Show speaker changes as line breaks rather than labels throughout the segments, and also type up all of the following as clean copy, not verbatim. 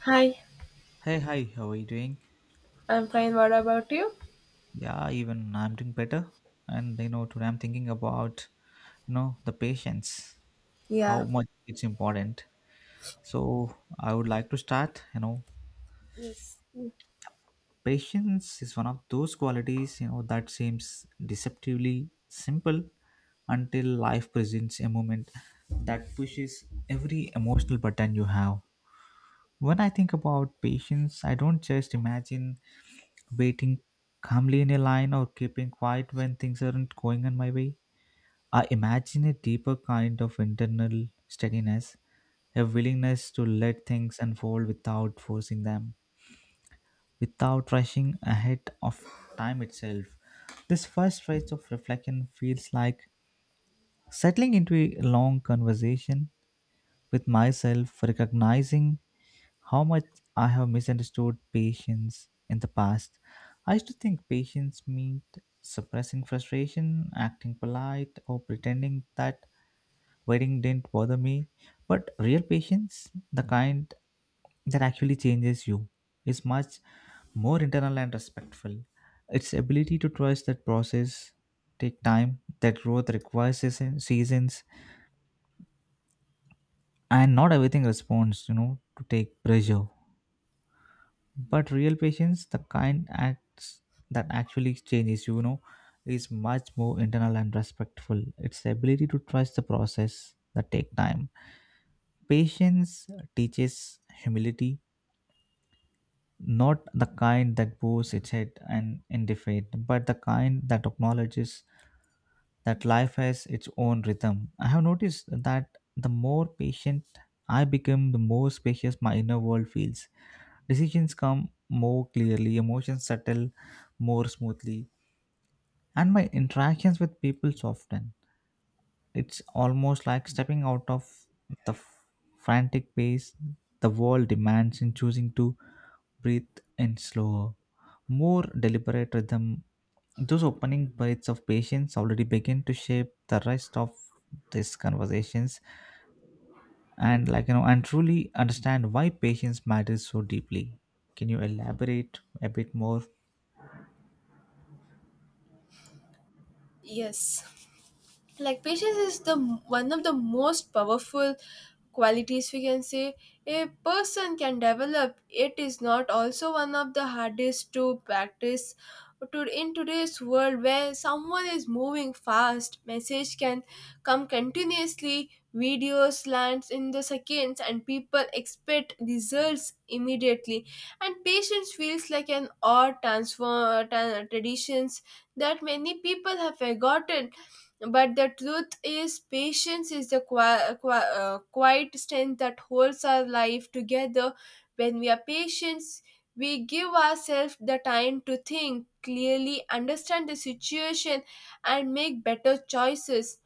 Hi,
Hey, hi, how are you doing?
I'm fine. What about you?
Yeah, even I'm doing better. And today I'm thinking about, the patience, how
Yeah.
much it's important. So I would like to start,
Yes.
patience is one of those qualities, that seems deceptively simple until life presents a moment that pushes every emotional button you have. When I think about patience, I don't just imagine waiting calmly in a line or keeping quiet when things aren't going on my way. I imagine a deeper kind of internal steadiness, a willingness to let things unfold without forcing them, without rushing ahead of time itself. This first phase of reflection feels like settling into a long conversation with myself, recognizing how much I have misunderstood patience in the past. I used to think patience meant suppressing frustration, acting polite, or pretending that waiting didn't bother me. But real patience, the kind that actually changes you, is much more internal and respectful. Its ability to trust that process take time, that growth requires seasons, and not everything responds, to take pressure. But real patience, the kind acts that actually changes, is much more internal and respectful. It's the ability to trust the process that take time. Patience teaches humility, not the kind that bows its head and in defeat, but the kind that acknowledges that life has its own rhythm. I have noticed that the more patient I become, the more spacious my inner world feels. Decisions come more clearly, emotions settle more smoothly, and my interactions with people soften. It's almost like stepping out of the frantic pace the world demands and choosing to breathe in slower, more deliberate rhythm. Those opening breaths of patience already begin to shape the rest of these conversations and and truly understand why patience matters so deeply. Can you elaborate a bit more?
Yes. Like patience is the one of the most powerful qualities, we can say, a person can develop. It is not also one of the hardest to practice to in today's world, where someone is moving fast, message can come continuously, videos lands in the seconds, and people expect results immediately, and patience feels like an odd transfer, traditions that many people have forgotten. But the truth is, patience is the quiet strength that holds our life together. When we are patient, we give ourselves the time to think clearly, understand the situation, and make better choices.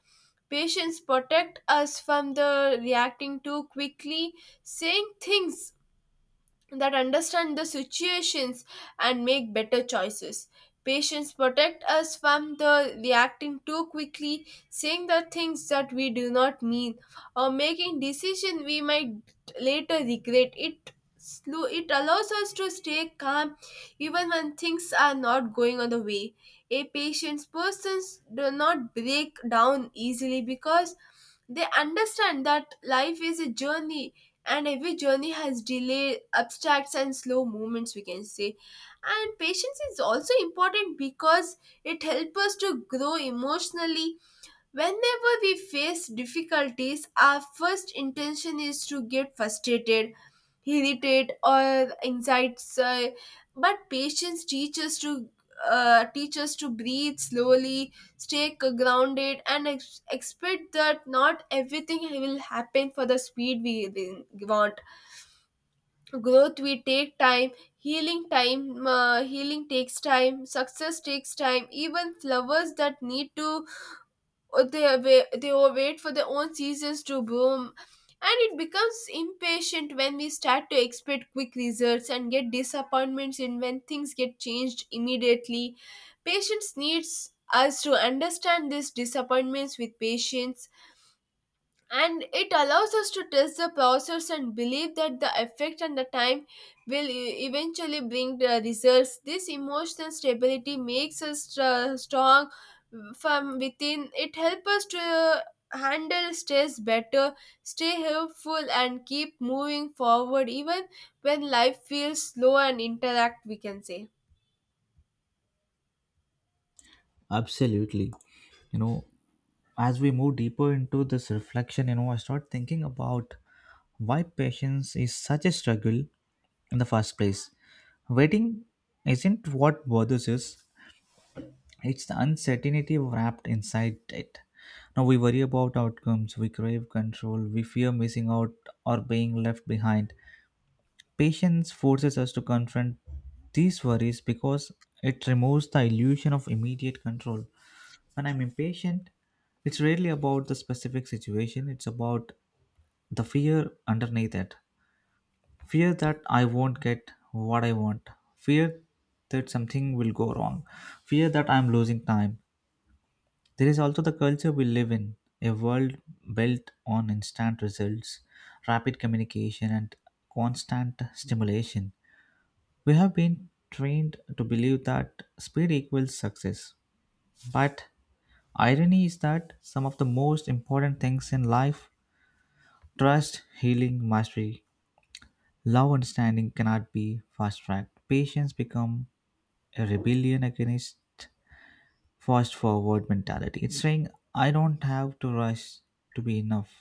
Patience protect us from the reacting too quickly, saying things that understand the situations and make better choices. Patients protect us from the reacting too quickly, saying the things that we do not mean, or making decisions we might later regret. It slow it allows us to stay calm even when things are not going on the way. A patient's persons do not break down easily because they understand that life is a journey, and every journey has delay, abstracts, and slow movements, we can say. And patience is also important because it helps us to grow emotionally. Whenever we face difficulties, our first intention is to get frustrated, irritated, or anxious. But patience teaches to teach us to breathe slowly, stay grounded, and expect that not everything will happen for the speed we want. Growth we take time, healing takes time, success takes time. Even flowers that need to or they wait, they will wait for their own seasons to bloom. And it becomes impatient when we start to expect quick results and get disappointments in when things get changed immediately. Patience needs us to understand these disappointments with patience, and it allows us to test the process and believe that the effect and the time will eventually bring the results. This emotional stability makes us strong from within. It helps us to handle stress better, stay helpful, and keep moving forward even when life feels slow and interact, we can say.
Absolutely. You know, as we move deeper into this reflection, I start thinking about why patience is such a struggle in the first place. Waiting isn't what bothers us, it's the uncertainty wrapped inside it. Now we worry about outcomes, we crave control, we fear missing out or being left behind. Patience forces us to confront these worries because it removes the illusion of immediate control. When I'm impatient, it's rarely about the specific situation, it's about the fear underneath it. Fear that I won't get what I want, fear that something will go wrong, fear that I'm losing time. There is also the culture we live in, a world built on instant results, rapid communication, and constant stimulation. We have been trained to believe that speed equals success. But irony is that some of the most important things in life, trust, healing, mastery, love, understanding, cannot be fast tracked. Patience become a rebellion against fast forward mentality. It's saying I don't have to rush to be enough.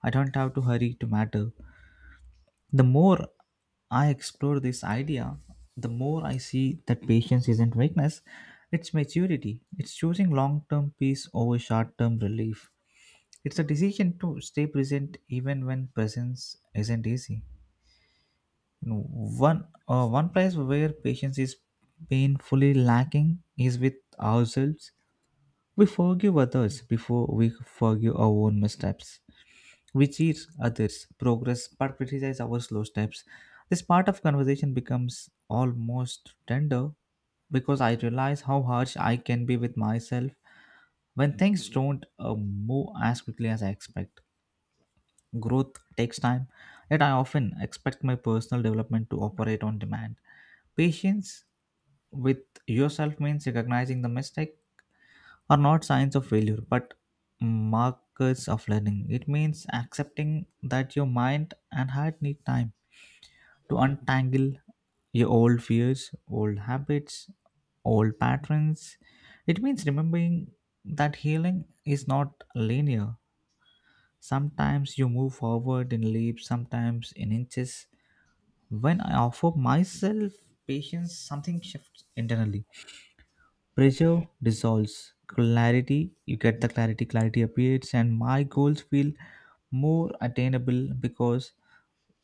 I don't have to hurry to matter. The more I explore this idea, the more I see that patience isn't weakness, it's maturity. It's choosing long term peace over short term relief. It's a decision to stay present even when presence isn't easy. One place where patience is painfully lacking is with ourselves. We forgive others before we forgive our own missteps. We cheer others' progress but criticize our slow steps. This part of conversation becomes almost tender because I realize how harsh I can be with myself when things don't move as quickly as I expect. Growth takes time, yet I often expect my personal development to operate on demand. Patience with yourself means recognizing the mistake are not signs of failure but markers of learning. It means accepting that your mind and heart need time to untangle your old fears, old habits, old patterns. It means remembering that healing is not linear. Sometimes you move forward in leaps, sometimes in inches. When I offer myself patience, something shifts internally. Pressure dissolves. Clarity, you get the clarity, clarity appears, and my goals feel more attainable because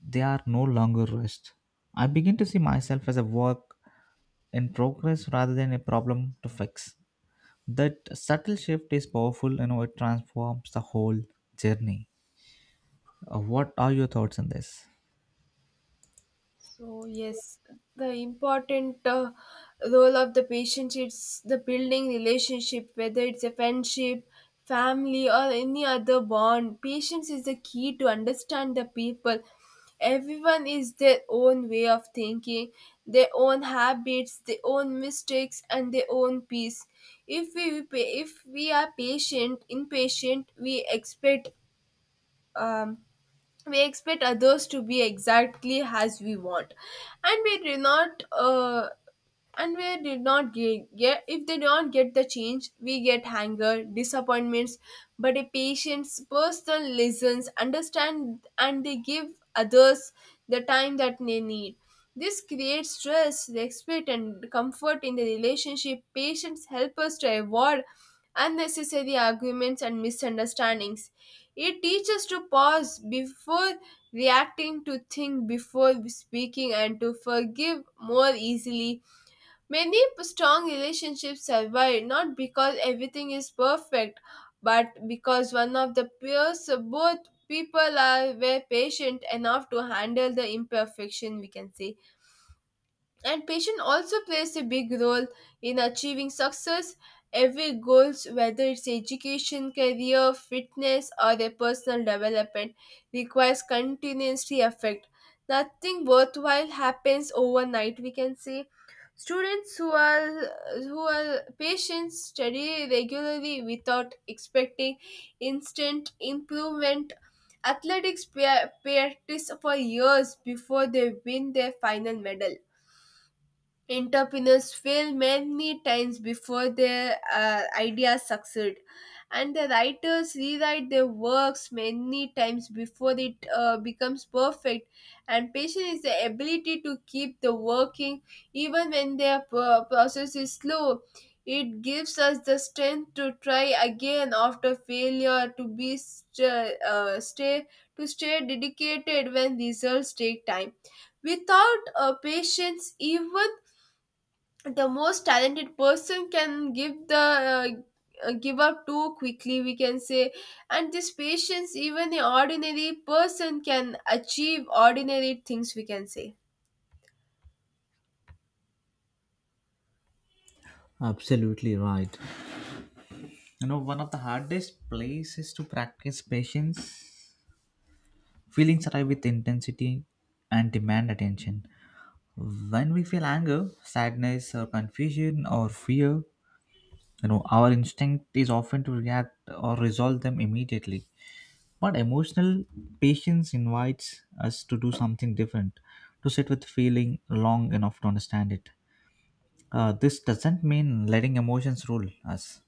they are no longer rushed. I begin to see myself as a work in progress rather than a problem to fix. That subtle shift is powerful, it transforms the whole journey. What are your thoughts on this?
So yes, the important role of the patient is the building relationship, whether it's a friendship, family, or any other bond. Patience is the key to understand the people. Everyone is their own way of thinking, their own habits, their own mistakes, and their own peace. If we are patient, impatient, um, we expect others to be exactly as we want, and we do not and we did not get if they don't get the change, we get anger, disappointments. But a patient's person listens, understand, and they give others the time that they need. This creates trust, respect, and comfort in the relationship. Patients help us to avoid unnecessary arguments and misunderstandings. It teaches to pause before reacting, to think before speaking, and to forgive more easily. Many strong relationships survive not because everything is perfect, but because one of the peers, both people are were patient enough to handle the imperfection, we can say. And patience also plays a big role in achieving success. Every goals, whether it's education, career, fitness, or their personal development, requires continuously effort. Nothing worthwhile happens overnight, we can say. Students who are patient study regularly without expecting instant improvement. Athletics practice for years before they win their final medal. Entrepreneurs fail many times before their ideas succeed, and the writers rewrite their works many times before it becomes perfect. And patience is the ability to keep the working even when their process is slow. It gives us the strength to try again after failure, to be st- stay to stay dedicated when results take time. Without a patience, even the most talented person can give up too quickly, we can say. And this patience, even an ordinary person can achieve ordinary things, we can say.
Absolutely right. One of the hardest places to practice patience, feelings arrive with intensity and demand attention. When we feel anger, sadness, or confusion, or fear, our instinct is often to react or resolve them immediately. But emotional patience invites us to do something different, to sit with feeling long enough to understand it. This doesn't mean letting emotions rule us.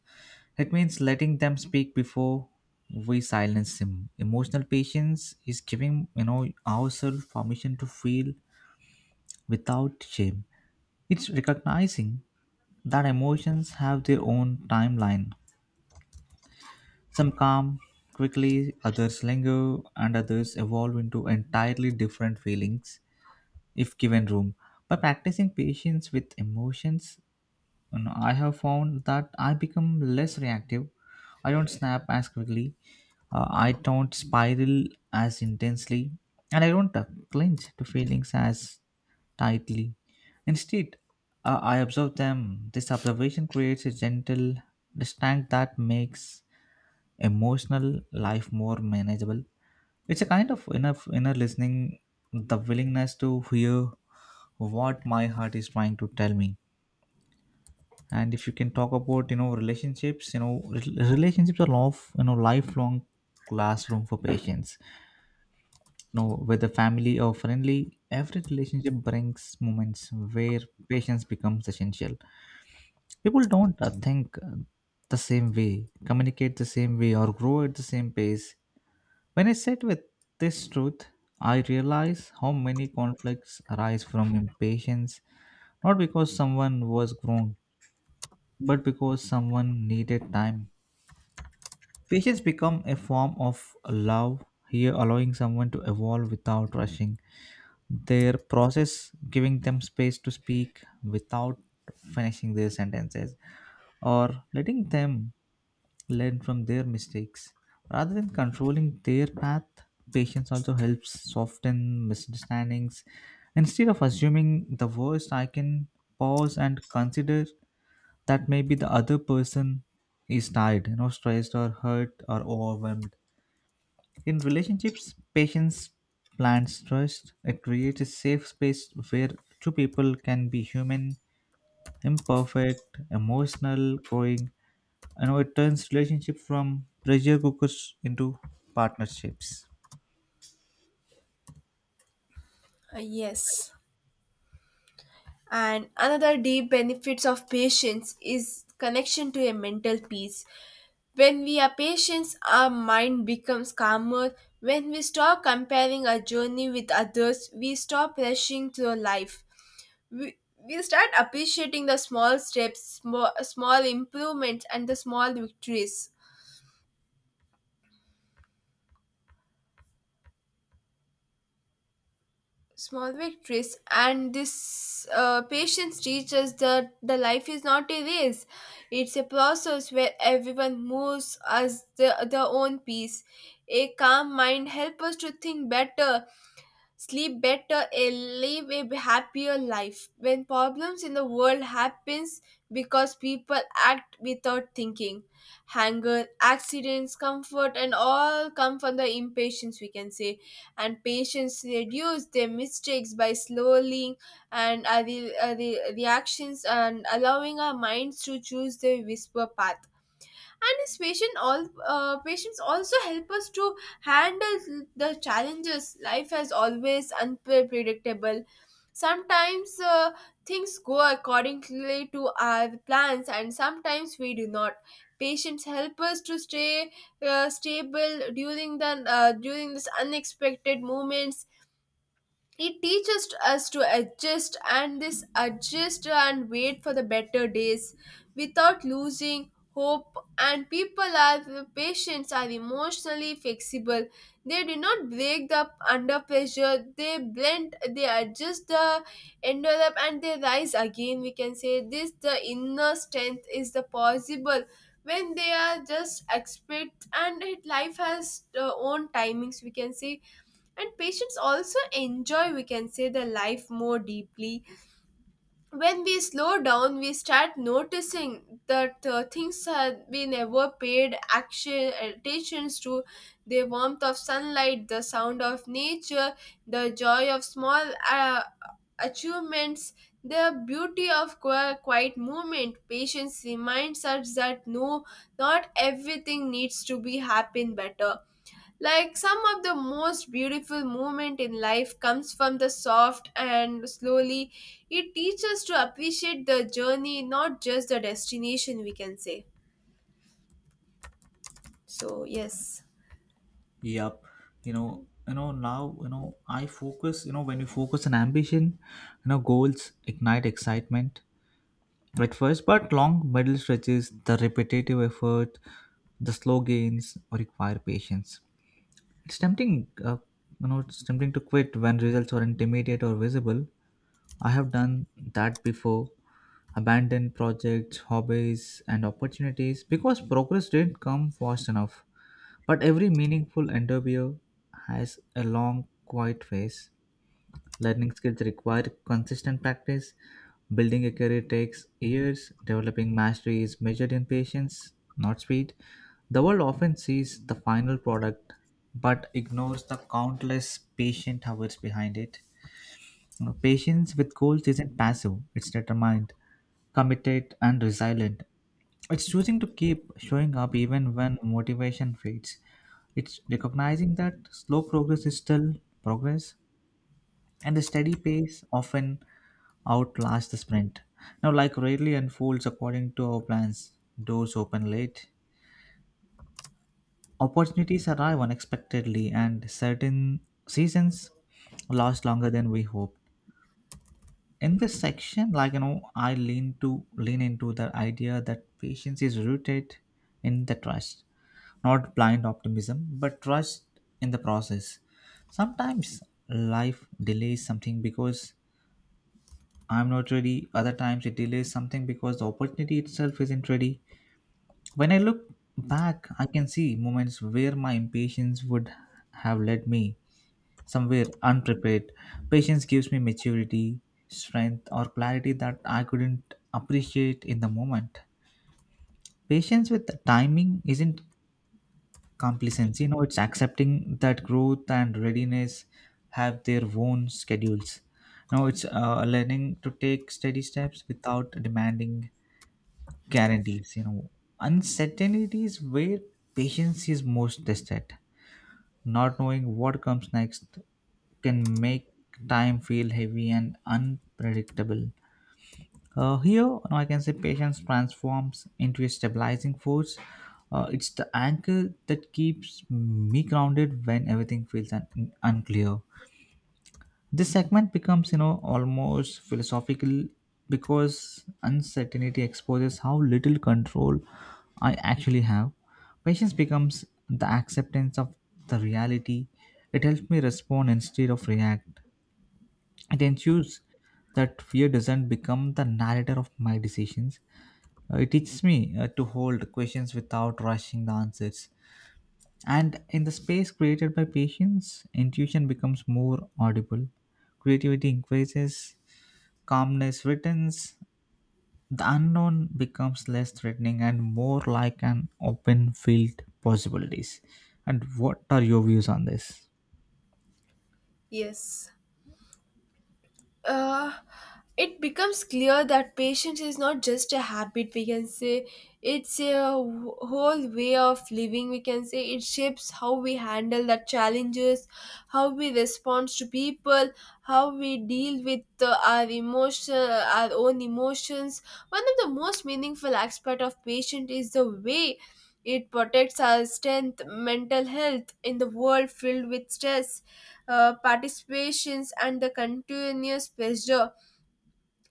It means letting them speak before we silence them. Emotional patience is giving ourselves permission to feel without shame. It's recognizing that emotions have their own timeline. Some calm quickly, others linger, and others evolve into entirely different feelings if given room. By practicing patience with emotions, and I have found that I become less reactive. I don't snap as quickly. I don't spiral as intensely. And I don't clinch to feelings as tightly. Instead, I observe them. This observation creates a gentle distinct that makes emotional life more manageable. It's a kind of inner listening, the willingness to hear what my heart is trying to tell me. And if you can talk about relationships, relationships are of lifelong classroom for patients. You know whether family or friendly, every relationship brings moments where patience becomes essential. People don't think the same way, communicate the same way, or grow at the same pace. When I sit with this truth, I realize how many conflicts arise from impatience, not because someone was wrong, but because someone needed time. Patience become a form of love here, allowing someone to evolve without rushing their process, giving them space to speak without finishing their sentences, or letting them learn from their mistakes. Rather than controlling their path, patience also helps soften misunderstandings. Instead of assuming the worst, I can pause and consider that maybe the other person is tired, stressed or hurt or overwhelmed. In relationships, patience plants trust. It creates a safe space where two people can be human, imperfect, emotional, growing. It turns relationship from pressure cookers into partnerships.
Yes, and another deep benefits of patience is connection to a mental peace. When we are patient, our mind becomes calmer. When we stop comparing our journey with others, we stop rushing through life. We start appreciating the small steps, small improvements, and the small victories, small victories. And this patience teaches that the life is not a race. It's a process where everyone moves as their own pace. A calm mind helps us to think better, sleep better, and live a happier life. When problems in the world happens because people act without thinking, anger, accidents, comfort and all come from the impatience, we can say. And patients reduce their mistakes by slowly and the reactions and allowing our minds to choose the whisper path. And his patient all patients also help us to handle the challenges. Life is always unpredictable. Sometimes things go accordingly to our plans and sometimes we do not. Patients help us to stay stable during the during this unexpected moments. It teaches us to adjust and this adjust and wait for the better days without losing hope. And people are patients are emotionally flexible. They do not break up under pressure. They blend, they adjust the envelope, and they rise again, we can say. This the inner strength is the possible when they are just expect and it life has own timings, we can say. And patients also enjoy, we can say, the life more deeply. When we slow down, we start noticing that things have we never paid action attentions to: the warmth of sunlight, the sound of nature, the joy of small achievements, the beauty of quiet movement. Patience reminds us that no, not everything needs to be happen better, like some of the most beautiful moment in life comes from the soft and slowly. It teaches us to appreciate the journey, not just the destination, we can say. So, yes,
Yep. You know, now I focus. You know when you focus on ambition, goals ignite excitement at first, but long middle stretches, the repetitive effort, the slow gains require patience. It's tempting, it's tempting to quit when results are intermediate or visible. I have done that before, abandoned projects, hobbies, and opportunities because progress didn't come fast enough. But every meaningful endeavor has a long, quiet phase. Learning skills require consistent practice. Building a career takes years. Developing mastery is measured in patience, not speed. The world often sees the final product but ignores the countless patient hours behind it. Patience with goals isn't passive, it's determined, committed, and resilient. It's choosing to keep showing up even when motivation fades. It's recognizing that slow progress is still progress, and a steady pace often outlast the sprint. Now, like rarely unfolds according to our plans, doors open late, opportunities arrive unexpectedly, and certain seasons last longer than we hoped. In this section, I lean into the idea that patience is rooted in the trust, not blind optimism, but trust in the process. Sometimes life delays something because I'm not ready. Other times it delays something because the opportunity itself isn't ready. When I look back, I can see moments where my impatience would have led me somewhere unprepared. Patience gives me maturity, strength, or clarity that I couldn't appreciate in the moment. Patience with the timing isn't complacency, it's accepting that growth and readiness have their own schedules. Now it's learning to take steady steps without demanding guarantees. Uncertainty is where patience is most tested. Not knowing what comes next can make time feel heavy and unpredictable. I can say patience transforms into a stabilizing force. It's the anchor that keeps me grounded when everything feels unclear. This segment becomes almost philosophical because uncertainty exposes how little control I actually have. Patience becomes the acceptance of the reality. It helps me respond instead of react. It ensures that fear doesn't become the narrator of my decisions. It teaches me to hold questions without rushing the answers. And in the space created by patience, intuition becomes more audible, creativity increases, calmness returns, the unknown becomes less threatening and more like an open field possibilities. And what are your views on this?
yes. uh, it becomes clear that patience is not just a habit, we can say. It's a whole way of living, we can say. It shapes how we handle the challenges, how we respond to people, how we deal with our emotion, our own emotions. One of the most meaningful aspect of patience is the way it protects our strength mental health in the world filled with stress, participations, and the continuous pressure.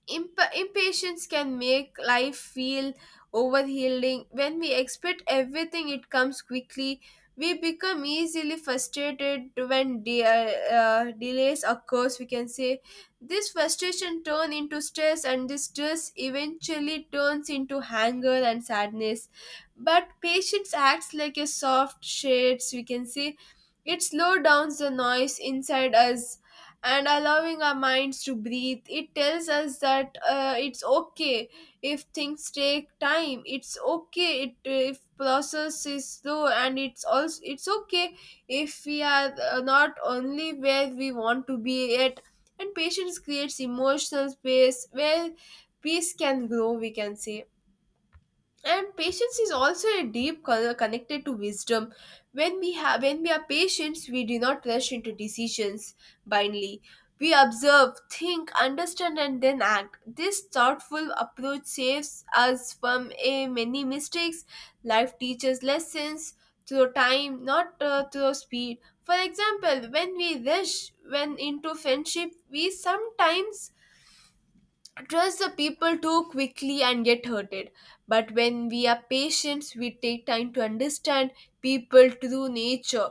Impatience can make life feel overhealing. When we expect everything, it comes quickly. We become easily frustrated when delays occurs, we can say. This frustration turns into stress, and this stress eventually turns into anger and sadness. But patience acts like a soft shades, we can say. It slows down the noise inside us and allowing our minds to breathe. It tells us that it's okay if things take time. It's okay if process is slow, and it's also it's okay if we are not only where we want to be yet. And patience creates emotional space where peace can grow, we can say. And patience is also a deep connected to wisdom. When we are patient, we do not rush into decisions blindly. We observe, think, understand, and then act. This thoughtful approach saves us from a many mistakes. Life teaches lessons through time, not through speed. For example, when we rush when into friendship, we sometimes trust the people too quickly and get hurted. But when we are patient, we take time to understand people through nature.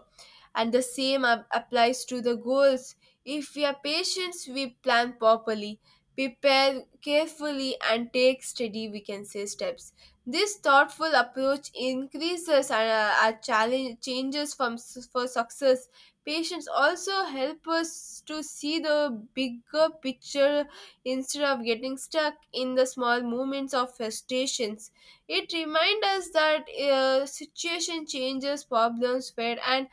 And the same applies to the goals. If we are patient, we plan properly, prepare carefully, and take steady, we can say, steps. This thoughtful approach increases our challenge changes from for success. Patience also help us to see the bigger picture instead of getting stuck in the small moments of frustrations. It reminds us that situation changes, problems fade, and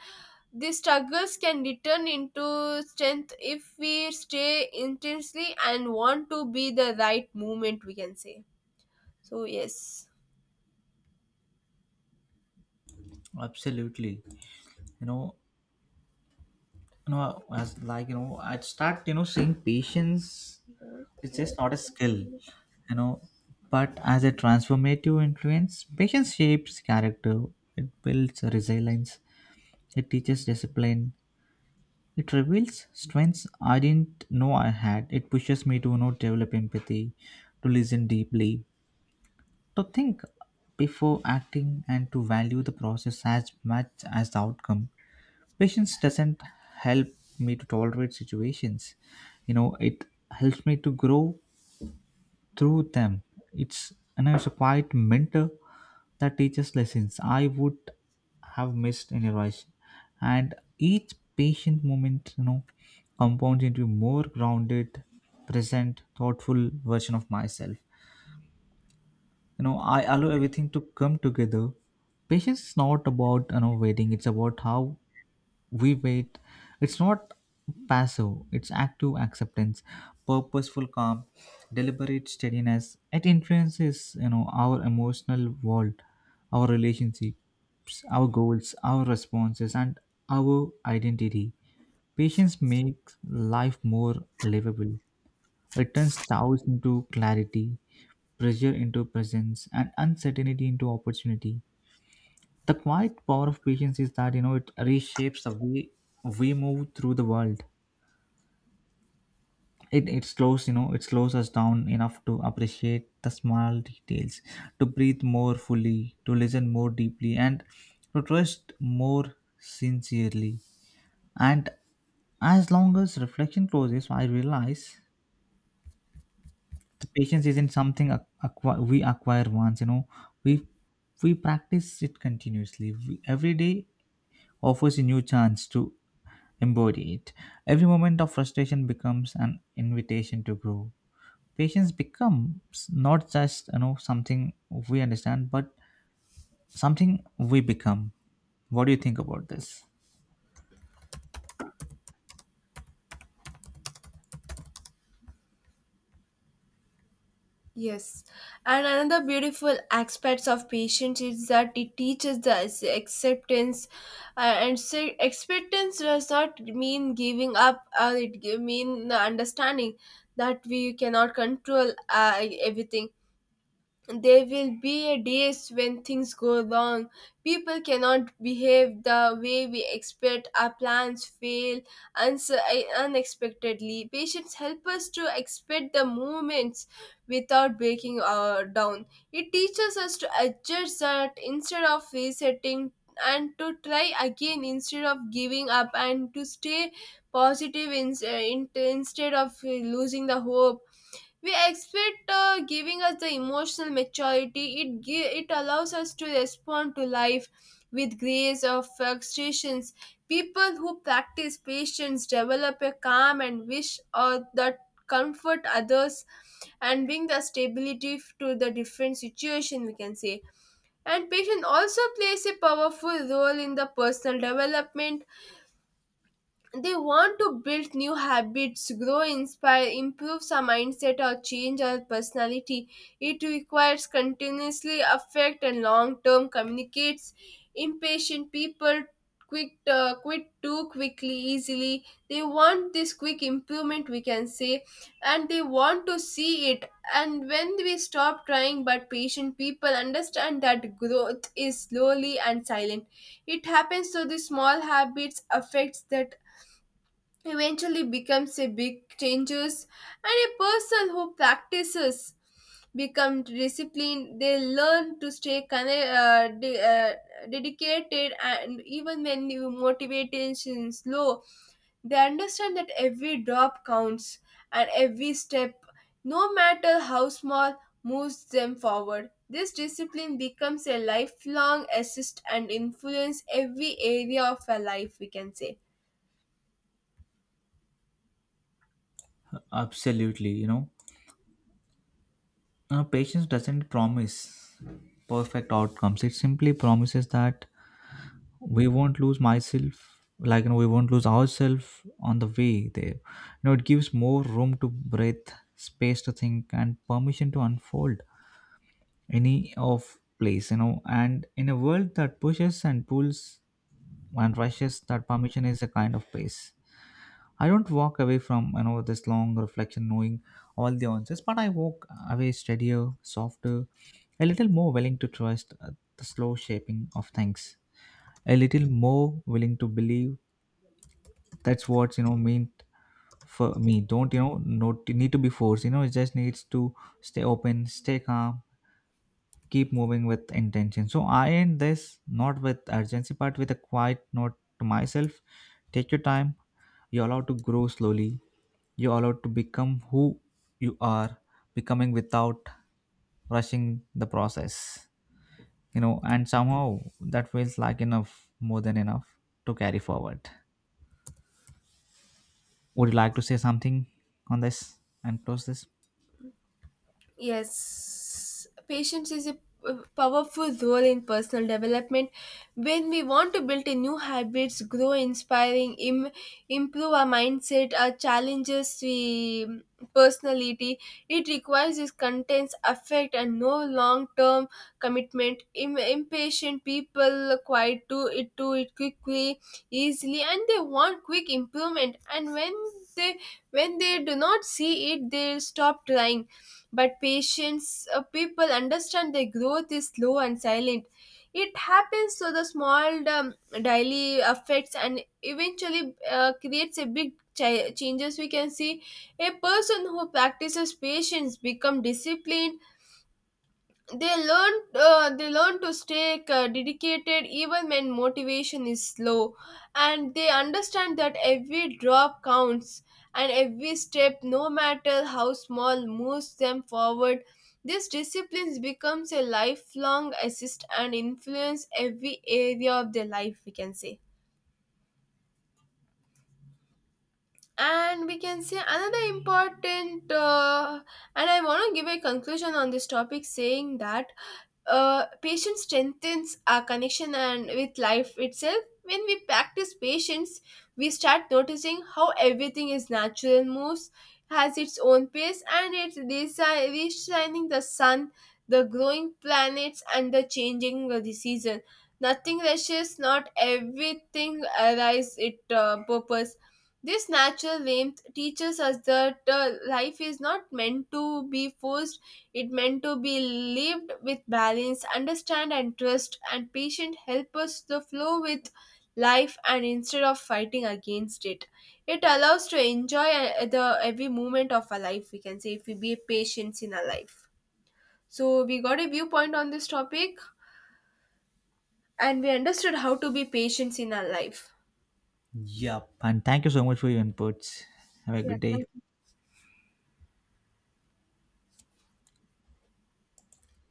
the struggles can return into strength if we stay intensely and want to be the right movement, we can say. So, yes.
Absolutely. You know, you know, as like you know, I start seeing patience. It's just not a skill, you know, but as a transformative influence, patience shapes character. It builds resilience. It teaches discipline. It reveals strengths I didn't know I had. It pushes me to not develop empathy, to listen deeply, to think before acting, and to value the process as much as the outcome. Patience doesn't help me to tolerate situations. It helps me to grow through them. It's, and it's a quiet mentor that teaches lessons I would have missed otherwise. And each patient moment, compounds into more grounded, present, thoughtful version of myself. I allow everything to come together. Patience is not about waiting; it's about how we wait. It's not passive, it's active acceptance, purposeful calm, deliberate steadiness. It influences our emotional world, our relationships, our goals, our responses, and our identity. Patience makes life more livable. It turns doubts into clarity, pressure into presence, and uncertainty into opportunity. The quiet power of patience is that it reshapes the way we move through the world. It slows us down enough to appreciate the small details, to breathe more fully, to listen more deeply, and to trust more sincerely. And as long as reflection closes, I realize the patience isn't something we acquire once. We we practice it continuously. Every day offers a new chance to embody it. Every moment of frustration becomes an invitation to grow. Patience becomes not just something we understand, but something we become. What do you think about this?
Yes, and another beautiful aspects of patience is that it teaches us acceptance. And so acceptance does not mean giving up. It mean the understanding that we cannot control everything. There will be a days when things go wrong. People cannot behave the way we expect. Our plans fail uns- unexpectedly. Patience help us to expect the movements without breaking down. It teaches us to adjust that instead of resetting, and to try again instead of giving up, and to stay positive instead of losing the hope. We expect giving us the emotional maturity. It it allows us to respond to life with grace or frustrations. People who practice patience develop a calm and wish that comfort others and bring the stability to the different situation, we can say. And patience also plays a powerful role in the personal development. They want to build new habits, grow, inspire, improve some mindset, or change our personality. It requires continuously affect and long term communicates. Impatient people quick quit too quickly, easily. They want this quick improvement, we can say, and they want to see it, and when we stop trying. But patient people understand that growth is slowly and silent. It happens so the small habits affects that eventually becomes a big changes. And a person who practices become disciplined. They learn to stay connected, dedicated, and even when you motivation is low, they understand that every drop counts, and every step, no matter how small, moves them forward. This discipline becomes a lifelong assist and influence every area of a life, we can say.
Absolutely, patience doesn't promise perfect outcomes. It simply promises that we won't lose ourselves on the way there. It gives more room to breathe, space to think, and permission to unfold any of place. And in a world that pushes and pulls and rushes, that permission is a kind of pace. I don't walk away from this long reflection knowing all the answers, but I walk away steadier, softer, a little more willing to trust the slow shaping of things, a little more willing to believe that's what meant for me don't not need to be forced. It just needs to stay open, stay calm, keep moving with intention. So I end this not with urgency, but with a quiet note to myself. Take your time. You're allowed to grow slowly. You're allowed to become who you are becoming without rushing the process. And somehow that feels like enough, more than enough to carry forward. Would you like to say something on this and close this?
Yes, patience is a powerful role in personal development. When we want to build a new habits, grow inspiring, improve our mindset, our challenges, we personality, it requires this contents, affect, and no long-term commitment. Impatient people quite to it quickly, easily, and they want quick improvement. And they when they do not see it, they stop trying. But patients, people understand their growth is slow and silent. It happens so the small daily affects and eventually creates a big changes, we can see. A person who practices patience become disciplined. They learn to stay dedicated even when motivation is low, and they understand that every drop counts, and every step, no matter how small, moves them forward. This discipline becomes a lifelong assist and influence every area of their life, we can say. And we can say, another important and I want to give a conclusion on this topic, saying that patience strengthens our connection and with life itself. When we practice patience, we start noticing how everything is natural moves, has its own pace, and it's reshining the sun, the growing planets, and the changing of the season. Nothing rushes, not everything arrives at purpose. This natural warmth teaches us that life is not meant to be forced, it meant to be lived with balance, understand, and trust. And patience help us to flow with life and instead of fighting against it. It allows to enjoy the every moment of our life, we can say, if we be patient in our life. So we got a viewpoint on this topic, and we understood how to be patient in our life.
Yep. And thank you so much for your inputs. Have a
Yeah,
good day.
thank you.